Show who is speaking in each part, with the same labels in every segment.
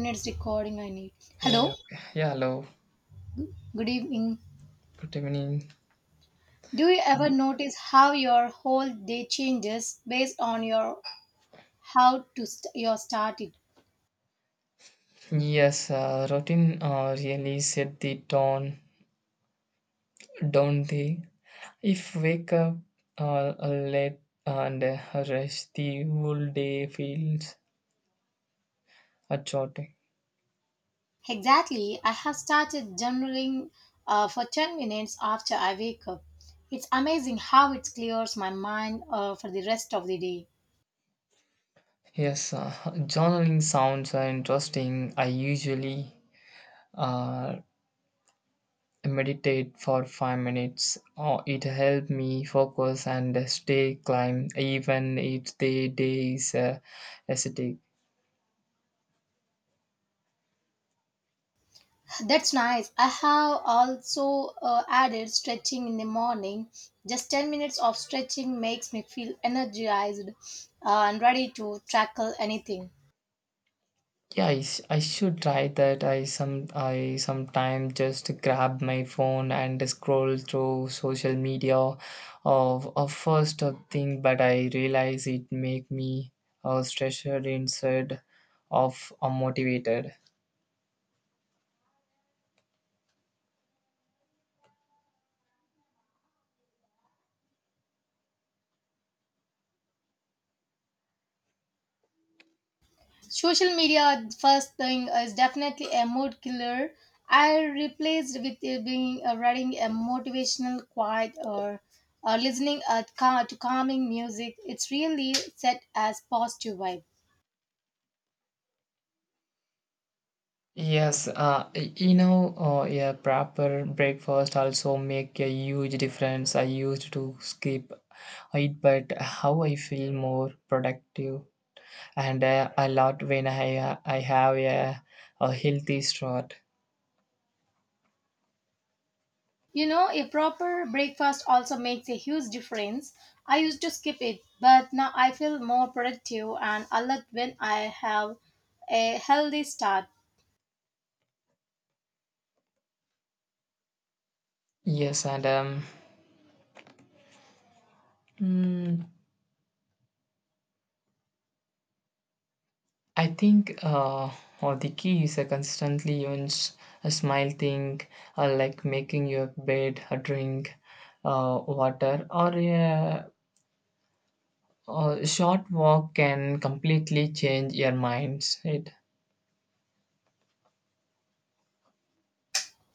Speaker 1: Minutes recording I need.
Speaker 2: Yeah, yeah,
Speaker 1: Hello,
Speaker 2: okay. yeah, hello.
Speaker 1: good evening.
Speaker 2: Good evening.
Speaker 1: Do you ever
Speaker 2: Y-
Speaker 1: notice how your whole day changes based on your how your started?
Speaker 2: Yes, routine really set the tone, down the if wake up late and rest the whole day feels a chaotic.
Speaker 1: Exactly, I have started journaling for 10 minutes after I wake up. It's amazing how it clears my mind for the rest of the day.
Speaker 2: Yes, journaling sounds are interesting. I usually uh, meditate for 5 minutes. Oh, it helps me focus and stay calm even if the day is acidic.
Speaker 1: That's nice. I have also added stretching in the morning. Just 10 minutes of stretching makes me feel energized and ready to tackle anything.
Speaker 2: Yeah, I should try that. I sometimes just grab my phone and scroll through social media of a first of thing, but I realize it make me stressed instead of motivated.
Speaker 1: Social media, first thing, is definitely a mood killer. I replaced with it being reading a motivational quote or uh, listening to calming music. It's really set as positive vibe.
Speaker 2: Yes, you know, yeah, proper breakfast also make a huge difference. I used to skip it, but how I feel more productive and I love when I have a healthy start.
Speaker 1: You know, a proper breakfast also makes a huge difference. I used to skip it, but now I feel more productive and alert when I have a healthy start.
Speaker 2: Yes, and mm, I think or the key is a constantly use a smile thing, like making your bed, a drink, water, or a short walk can completely change your minds. It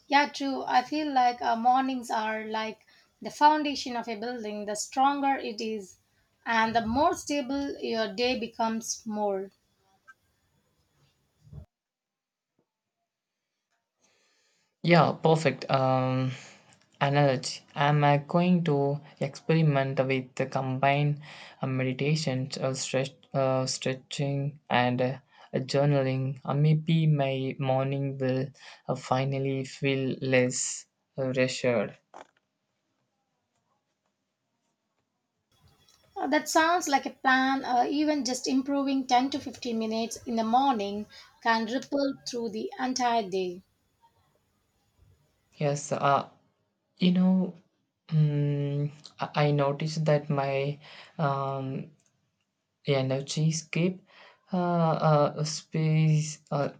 Speaker 1: Yeah, true. I feel like mornings are like the foundation of a building. The stronger it is, and the more stable your day becomes more.
Speaker 2: yeah, perfect. Analogy. I'm going to experiment with the combined meditations of stretching and journaling. Maybe my morning will finally feel less reassured.
Speaker 1: That sounds like a plan. Even just improving 10 to 15 minutes in the morning can ripple through the entire day.
Speaker 2: Yes, you know, mm, I noticed that my um, energy escape space. Uh,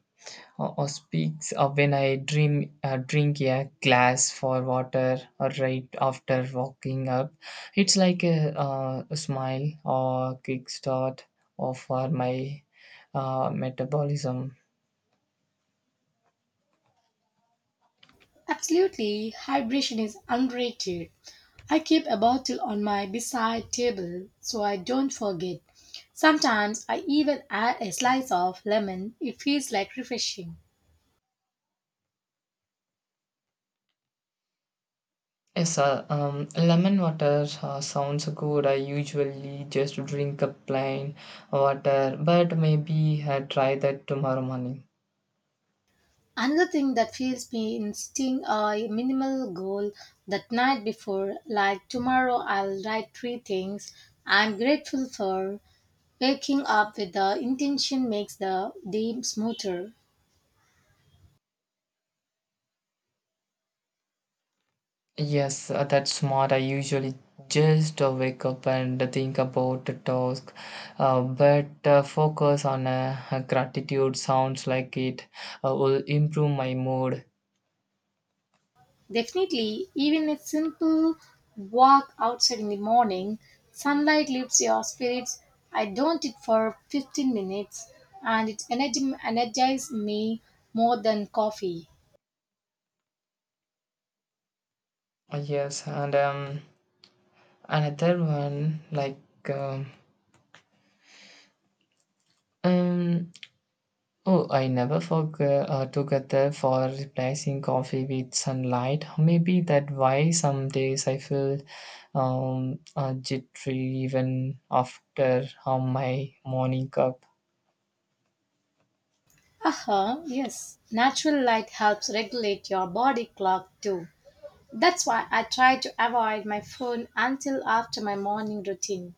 Speaker 2: or, Or speaks of when I dream, drink a glass for water or right after waking up. It's like a smile or quick start or for my metabolism.
Speaker 1: Absolutely, hydration is underrated. I keep a bottle on my bedside table so I don't forget. Sometimes I even add a slice of lemon. It feels like refreshing.
Speaker 2: Yes, sir. Lemon water sounds good. I usually just drink a plain water, but maybe I try that tomorrow morning.
Speaker 1: Another thing that feels me in setting a minimal goal that night before, like tomorrow I'll write three things I'm grateful for. Waking up with the intention makes the day smoother.
Speaker 2: Yes, that's smart. I usually just wake up and think about the task, but focus on gratitude sounds like it will improve my mood.
Speaker 1: Definitely, even a simple walk outside in the morning, sunlight lifts your spirits. I don't it for 15 minutes and it energy energizes me more than coffee.
Speaker 2: Yes, and another one like um, um, oh, I never forget together for replacing coffee with sunlight. Maybe that why some days I feel jittery even after my morning cup.
Speaker 1: Uh-huh, yes. Natural light helps regulate your body clock too. That's why I try to avoid my phone until after my morning routine.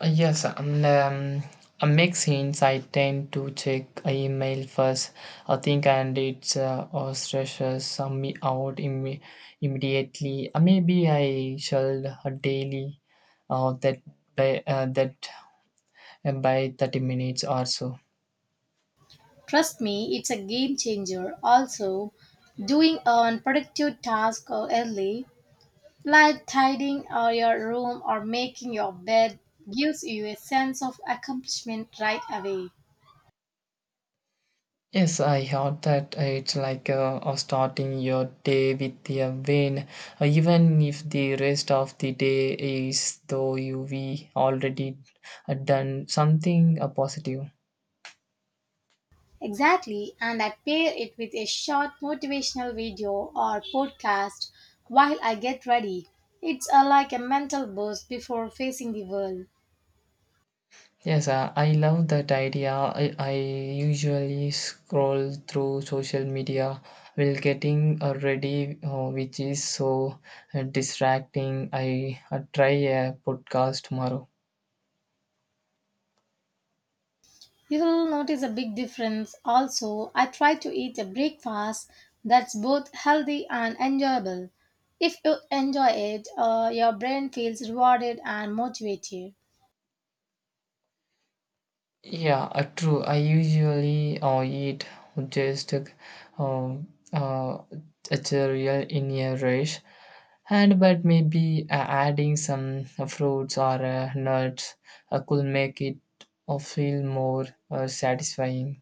Speaker 2: Yes, and a mix hints I tend to check email first. I think and it or stresses me out immediately. Maybe I shall daily uh, that that by 30 minutes or so.
Speaker 1: Trust me, it's a game changer. Also, doing a productive task early, like tidying or your room or making your bed gives you a sense of accomplishment right away.
Speaker 2: Yes, I heard that it's like starting your day with a win, even if the rest of the day is though you we already done something positive.
Speaker 1: Exactly, and I pair it with a short motivational video or podcast while I get ready. It's a, like a mental boost before facing the world.
Speaker 2: Yes, I love that idea. I usually scroll through social media while getting ready, which is so distracting. I try a podcast tomorrow.
Speaker 1: You will notice a big difference. Also, I try to eat a breakfast that's both healthy and enjoyable. If you enjoy it, your brain feels rewarded and motivated.
Speaker 2: Yeah, true. I usually eat just um, uh, a cereal in a rush, and but maybe adding some fruits or nuts could make it feel more satisfying.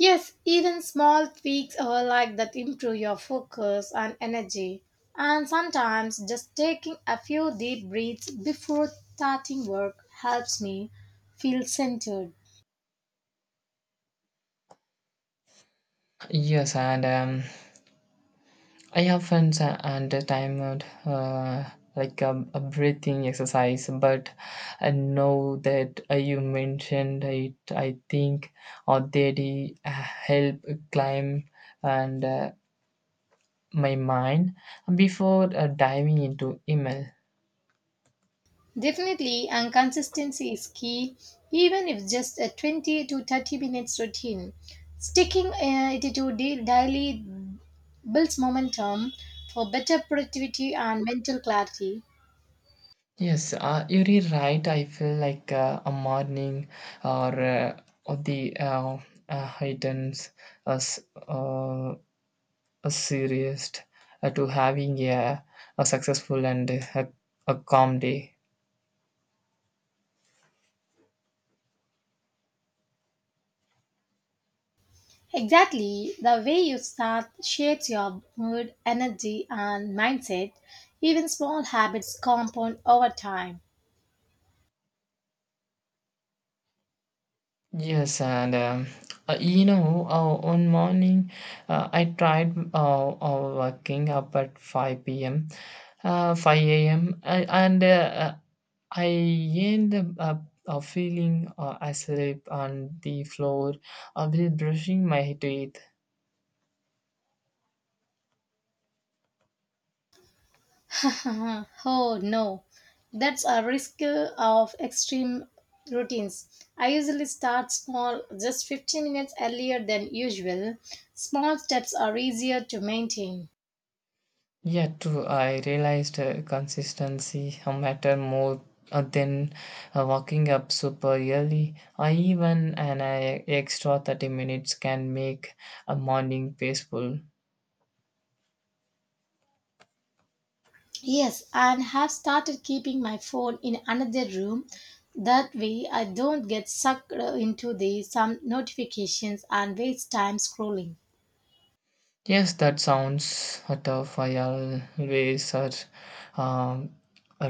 Speaker 1: Yes, even small tweaks are like that improve your focus and energy. And sometimes just taking a few deep breaths before starting work helps me feel centered.
Speaker 2: Yes, and I often and time out like a breathing exercise, but I know that you mentioned it. I think or they help climb and my mind before diving into email.
Speaker 1: Definitely, and consistency is key, even if just a 20 to 30 minutes routine. Sticking it to da- daily builds momentum for better productivity and mental clarity.
Speaker 2: Yes, you're right. I feel like a morning or the items as a serious to having a successful and a calm day.
Speaker 1: Exactly, the way you start shapes your mood, energy, and mindset. Even small habits compound over time.
Speaker 2: Yes, and you know, one morning I tried waking up at 5 p.m., 5 a.m., and I end up feeling asleep on the floor while brushing my teeth.
Speaker 1: Oh no, that's a risk of extreme routines. I usually start small, just 15 minutes earlier than usual. Small steps are easier to maintain.
Speaker 2: Yeah, true. I realized consistency matter more than waking up super early. I even an extra 30 minutes can make a morning peaceful.
Speaker 1: Yes, and have started keeping my phone in another room. That way, I don't get sucked into the some notifications and waste time scrolling.
Speaker 2: Yes, that sounds tough. I always um,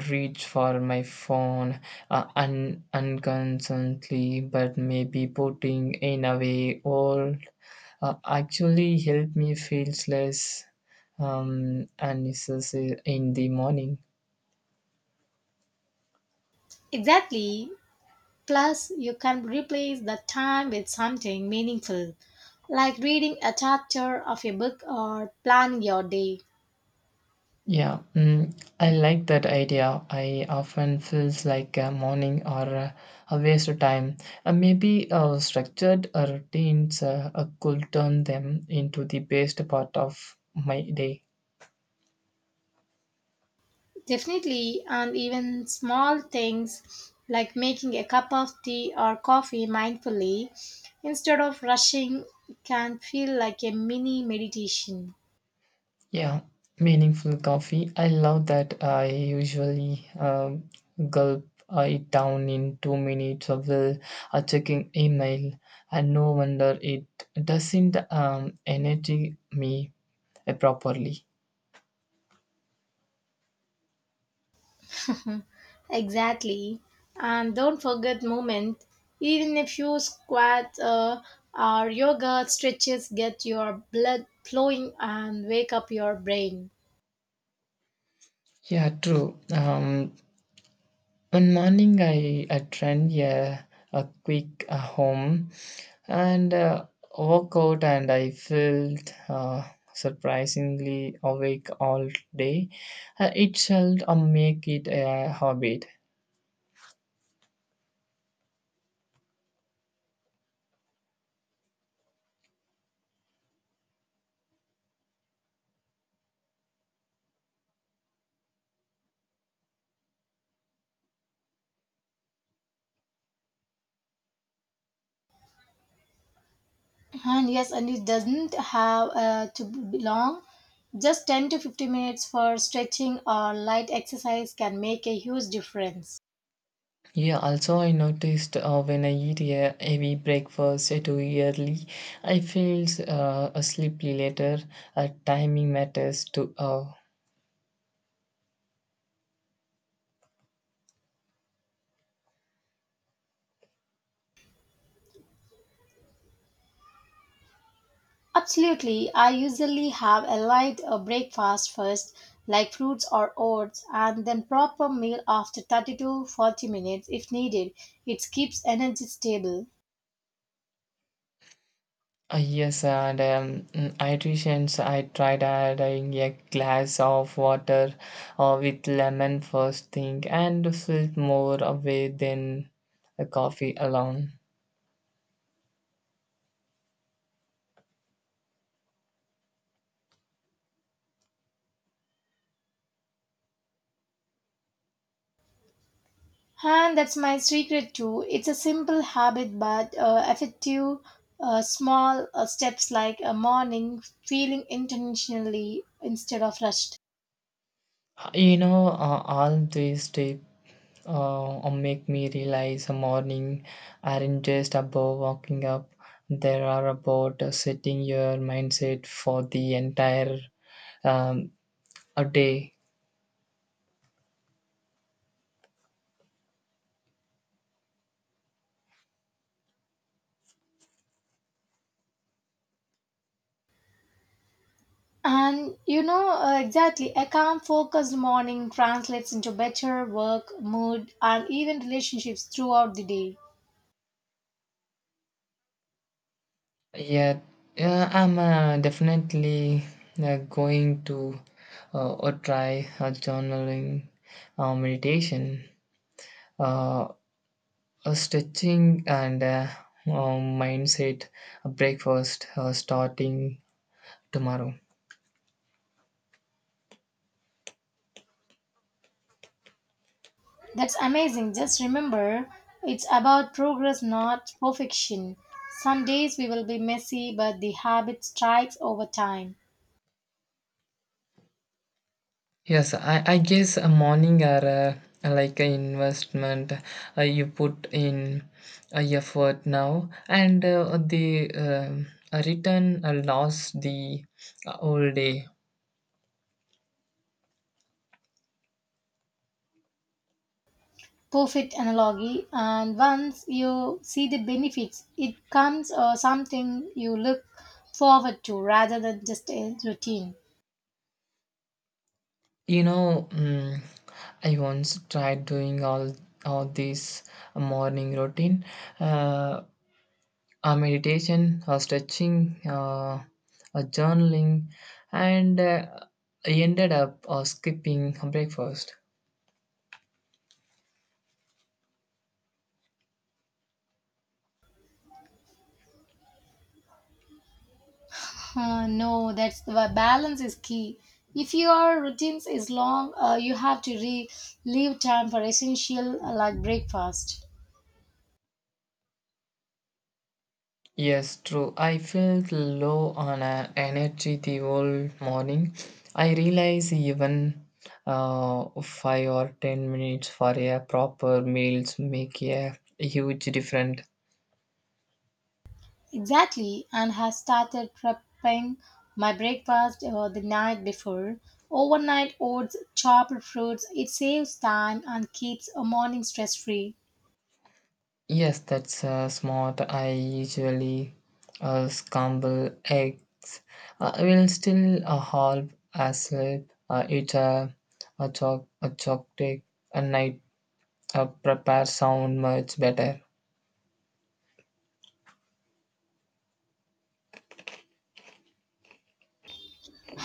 Speaker 2: reach for my phone unconsciously, but maybe putting in away all actually help me feels less unnecessary in the morning.
Speaker 1: Exactly. Plus, you can replace the time with something meaningful, like reading a chapter of a book or planning your day.
Speaker 2: Yeah, I like that idea. I often feels like a morning or a waste of time. Maybe structured routines could turn them into the best part of my day.
Speaker 1: Definitely, and even small things like making a cup of tea or coffee mindfully instead of rushing can feel like a mini meditation.
Speaker 2: Yeah, meaningful coffee. I love that. I usually gulp it down in 2 minutes of the checking email, and no wonder it doesn't energy me properly.
Speaker 1: Exactly. And don't forget movement. Even a few squats or yoga stretches get your blood flowing and wake up your brain.
Speaker 2: Yeah, true. One morning I trend yeah, a quick home and woke out and I felt surprisingly awake all day it shall make it a habit
Speaker 1: And yes, and it doesn't have to be long. Just 10 to 15 minutes for stretching or light exercise can make a huge difference.
Speaker 2: yeah also I noticed when I eat a heavy breakfast too early I feel sleepy later timing matters to
Speaker 1: Absolutely. I usually have a light breakfast first, like fruits or oats, and then proper meal after 30 to 40 minutes if needed. It keeps energy stable.
Speaker 2: Yes, and hydration. I tried adding a glass of water with lemon first thing and felt more away than a coffee alone.
Speaker 1: And that's my secret too. It's a simple habit, but effective. Small steps like a morning feeling intentionally instead of rushed.
Speaker 2: You know, all these tips make me realize a morning aren't just about waking up, they are about setting your mindset for the entire um, a day.
Speaker 1: And you know exactly, a calm, focused morning translates into better work, mood, and even relationships throughout the day.
Speaker 2: Yeah, yeah, I'm definitely going to or try a journaling, meditation, uh, a stretching, and mindset breakfast starting tomorrow.
Speaker 1: That's amazing. Just remember, it's about progress, not perfection. Some days we will be messy, but the habit strikes over time.
Speaker 2: Yes, I guess a morning are like an investment you put in effort now, and the return lost the whole day.
Speaker 1: Perfect analogy, and once you see the benefits it comes something you look forward to rather than just a routine.
Speaker 2: You know, I once tried doing all this morning routine, uh, a meditation, a stretching, a journaling, and I ended up skipping breakfast.
Speaker 1: Uh, no, that's the balance is key. If your routines is long, you have to leave time for essential like breakfast.
Speaker 2: Yes, true. I felt low on energy the whole morning. I realize even 5 or 10 minutes for a proper meals make a huge difference.
Speaker 1: Exactly, and has started prepping my breakfast the night before. Overnight oats, chopped fruits. It saves time and keeps a morning stress free.
Speaker 2: Yes, that's smart. I usually scramble eggs. I will still half asleep. Eat a choc a chocolate a night. Prepare sound much better.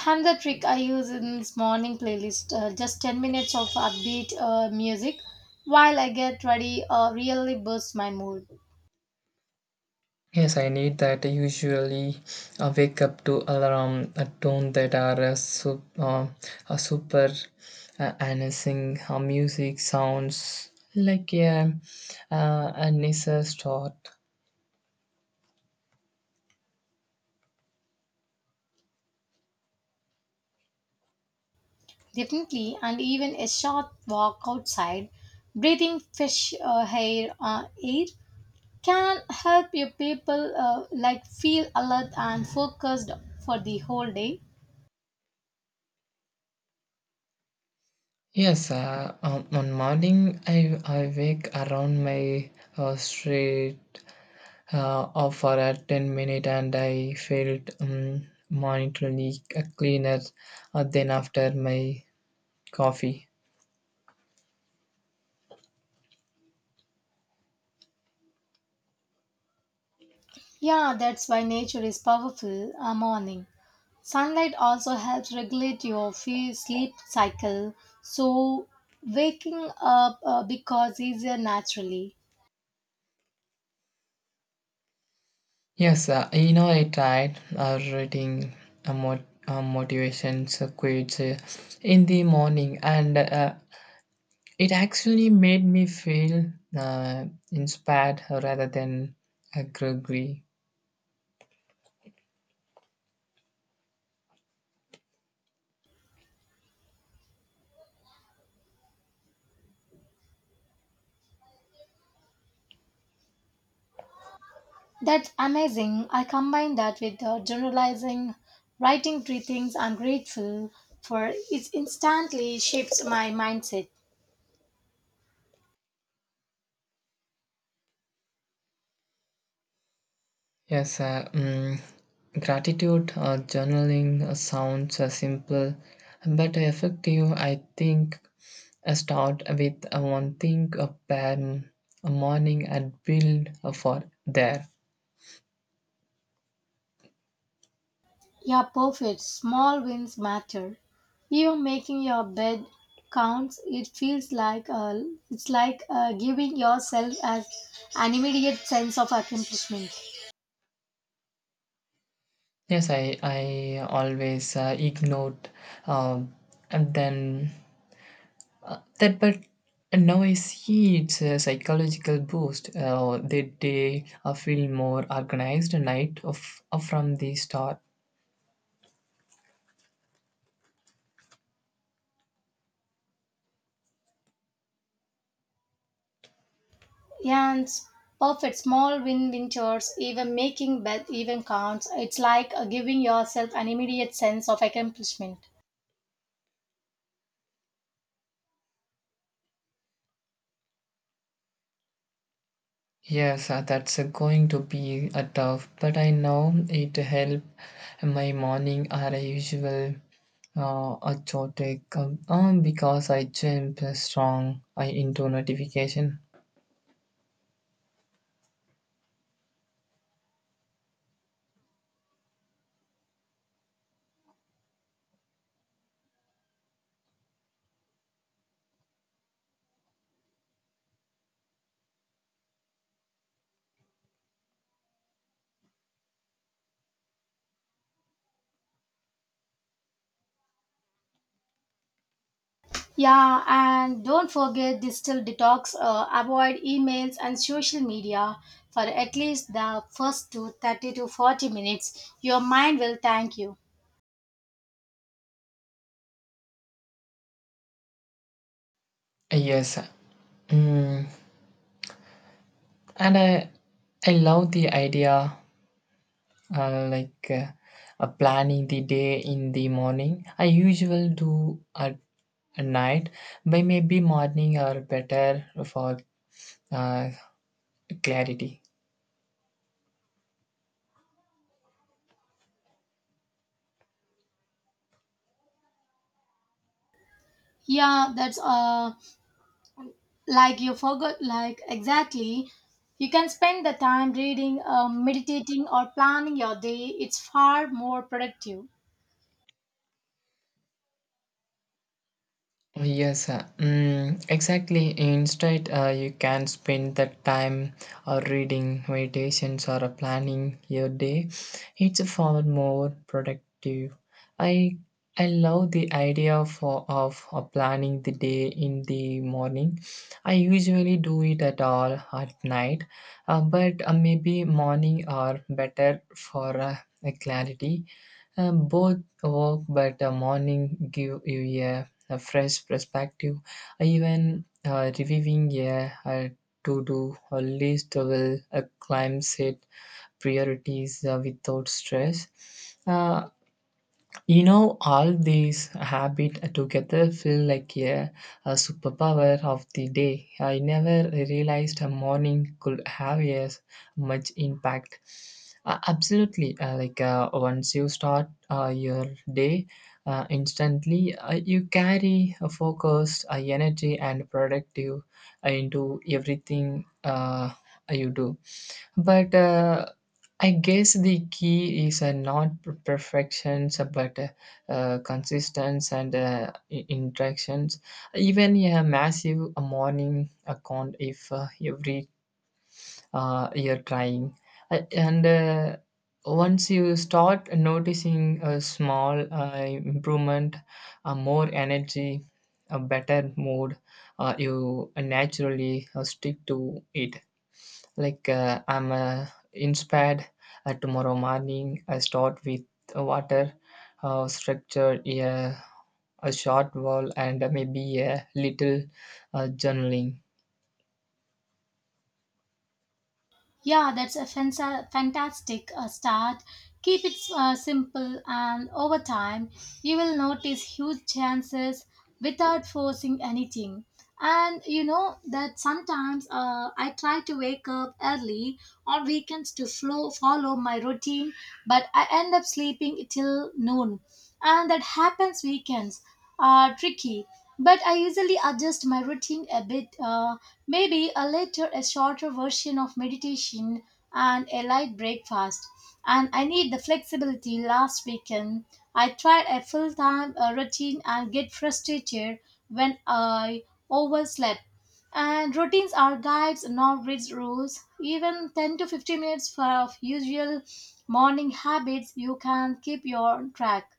Speaker 1: Another trick I use in this morning playlist, just 10 minutes of upbeat music while I get ready really boosts my mood.
Speaker 2: Yes, I need that. I usually wake up to alarm a tone that are a, a super announcing music sounds like a nicer start.
Speaker 1: Definitely, and even a short walk outside, breathing fresh air can help your people like feel alert and focused for the whole day.
Speaker 2: Yes, one morning I wake around my street for a 10 minute and I felt monetarily cleaner than after my coffee.
Speaker 1: Yeah, that's why nature is powerful. A morning. Sunlight also helps regulate your sleep cycle, so waking up becomes easier naturally.
Speaker 2: Yes, you know, I tried reading a motivation quotes in the morning, and it actually made me feel uh, inspired rather than groggy.
Speaker 1: That's amazing. I combine that with generalizing, writing three things I'm grateful for. It instantly shifts my mindset.
Speaker 2: Yes, gratitude journaling sounds simple but effective. I think I start with one thing per a morning and build for there.
Speaker 1: Yeah, perfect. Small wins matter. Even making your bed counts. It feels like giving yourself as an immediate sense of accomplishment.
Speaker 2: Yes, I always ignored um, and then that, but now I see it's a psychological boost. The day I feel more organized night of, from the start.
Speaker 1: Yans, perfect small win chores, even making bad even counts. It's like giving yourself an immediate sense of accomplishment.
Speaker 2: Yes, that's going to be a tough, but I know it help my morning are a usual chaotic because I jump strong I into notification.
Speaker 1: Yeah, and don't forget digital detox, avoid emails and social media for at least the first two 30 to 40 minutes. Your mind will thank you.
Speaker 2: Yes, mm, and I love the idea like planning the day in the morning. I usually do at night, but maybe morning are better for uh, clarity.
Speaker 1: Yeah, that's like you forgot like exactly. You can spend the time reading, meditating or planning your day. It's far more productive.
Speaker 2: Yes, exactly. Instead, you can spend that time or reading meditations or planning your day. It's far more productive. I I love the idea for of planning the day in the morning. I usually do it at night, but maybe morning are better for clarity both work, but the morning give you a fresh perspective. Even reviewing a to-do or list will climb set priorities without stress. Uh, you know, all these habit together feel like a superpower of the day. I never realized a morning could have as much impact. Absolutely, like once you start your day, instantly you carry a focused energy and productive into everything you do. But I guess the key is not perfections, but consistency and interactions. Even a massive morning account, if every you're trying, and once you start noticing a small improvement, more energy, a better mood, you naturally stick to it like I'm inspired tomorrow morning. I start with water, structure, yeah, a short wall, and maybe a little journaling.
Speaker 1: Yeah, that's a fantastic start. Keep it simple, and over time, you will notice huge chances without forcing anything. And you know that sometimes I try to wake up early on weekends to follow my routine, but I end up sleeping till noon. And that happens. Weekends are tricky, but I usually adjust my routine a bit. Maybe a later, a shorter version of meditation and a light breakfast. And I need the flexibility. Last weekend, I tried a full-time routine and get frustrated when I overslept. And routines are guides, not rigid rules. Even 10 to 15 minutes for of usual morning habits, you can keep your track.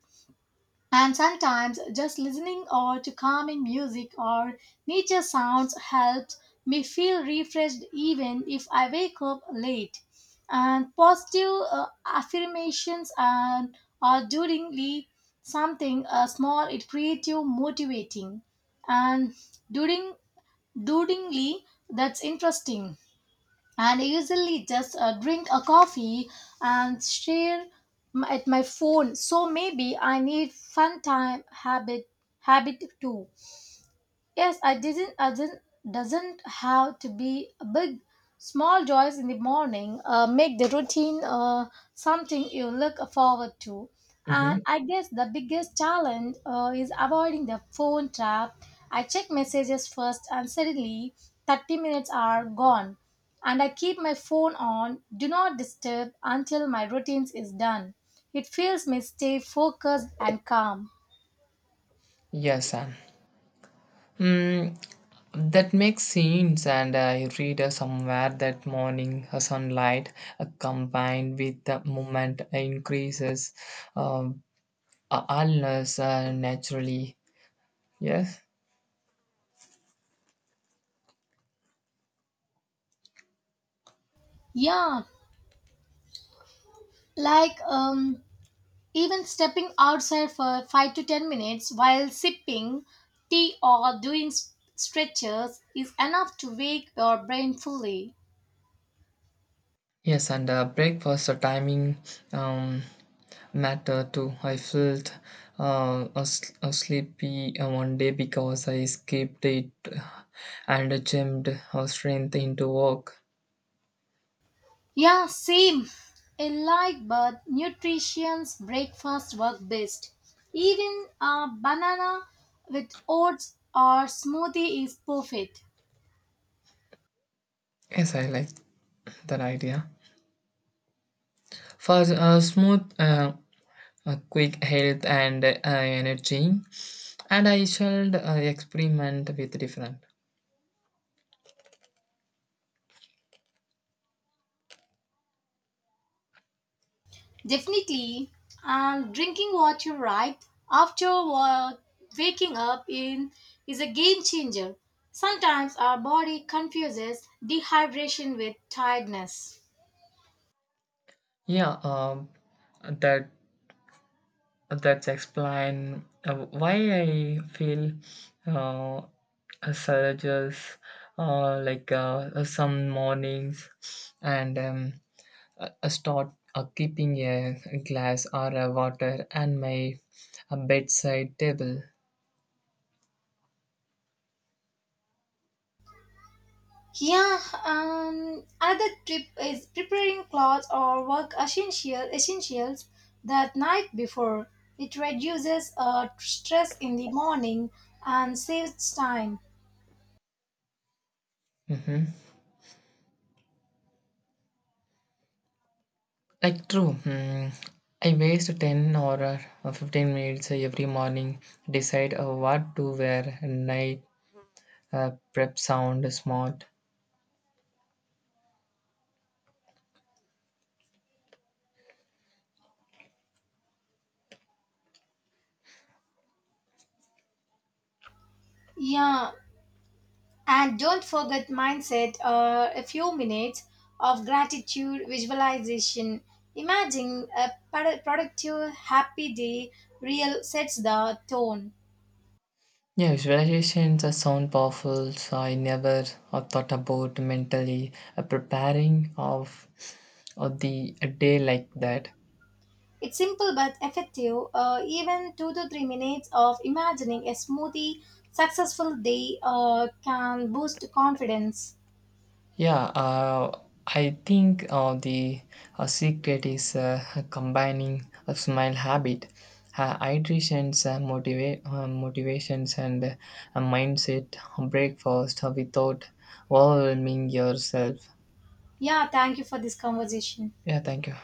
Speaker 1: And sometimes just listening or to calming music or nature sounds helps me feel refreshed even if I wake up late. And positive affirmations and are duringly something small it creative motivating and during duringly that's interesting, and I usually just drink a coffee and share at my phone. So maybe I need fun time habit too. Yes, I didn't, doesn't have to be a big, small joys in the morning. Make the routine something you look forward to.
Speaker 2: Mm-hmm.
Speaker 1: And I guess the biggest challenge is avoiding the phone trap. I check messages first, and suddenly 30 minutes are gone. And I keep my phone on, do not disturb until my routines is done. It feels me stay focused and calm.
Speaker 2: Yes, Sam. Mm, that makes sense, and I read somewhere that morning sunlight combined with the movement increases uh, allness naturally. Yes.
Speaker 1: Yeah, like um, even stepping outside for 5 to 10 minutes while sipping tea or doing stretches is enough to wake your brain fully.
Speaker 2: Yes, and breakfast timing um, matter too. I felt a sleepy one day because I skipped it and jammed strength into work.
Speaker 1: Yeah, same. A light but nutritious breakfast work best. Even a banana with oats or smoothie is perfect.
Speaker 2: Yes, I like that idea. For quick health and energy, and I shall experiment with different.
Speaker 1: Definitely. And drinking water right after waking up in is a game changer. Sometimes our body confuses dehydration with tiredness.
Speaker 2: Yeah, that that's explain why I feel uh, surges like some mornings and start keeping a glass or a water and my bedside table.
Speaker 1: Yeah, another tip is preparing clothes or work essentials that night before. It reduces stress in the morning and saves time.
Speaker 2: hmm Like true. Hmm. I waste 10 or 15 minutes every morning decide what to wear night prep sound smart.
Speaker 1: Yeah, and don't forget mindset, a few minutes of gratitude visualization. Imagine a productive, happy day, real sets the tone.
Speaker 2: Yeah, visualizations are sound powerful, so I never thought about mentally preparing of the a day like that.
Speaker 1: It's simple but effective. Even 2 to 3 minutes of imagining a smoothie, successful day can boost confidence.
Speaker 2: Yeah, I think the secret is combining a smile habit, hydrations, motivations, and a mindset breakfast without overwhelming yourself.
Speaker 1: Yeah, thank you for this conversation.
Speaker 2: Yeah, thank you.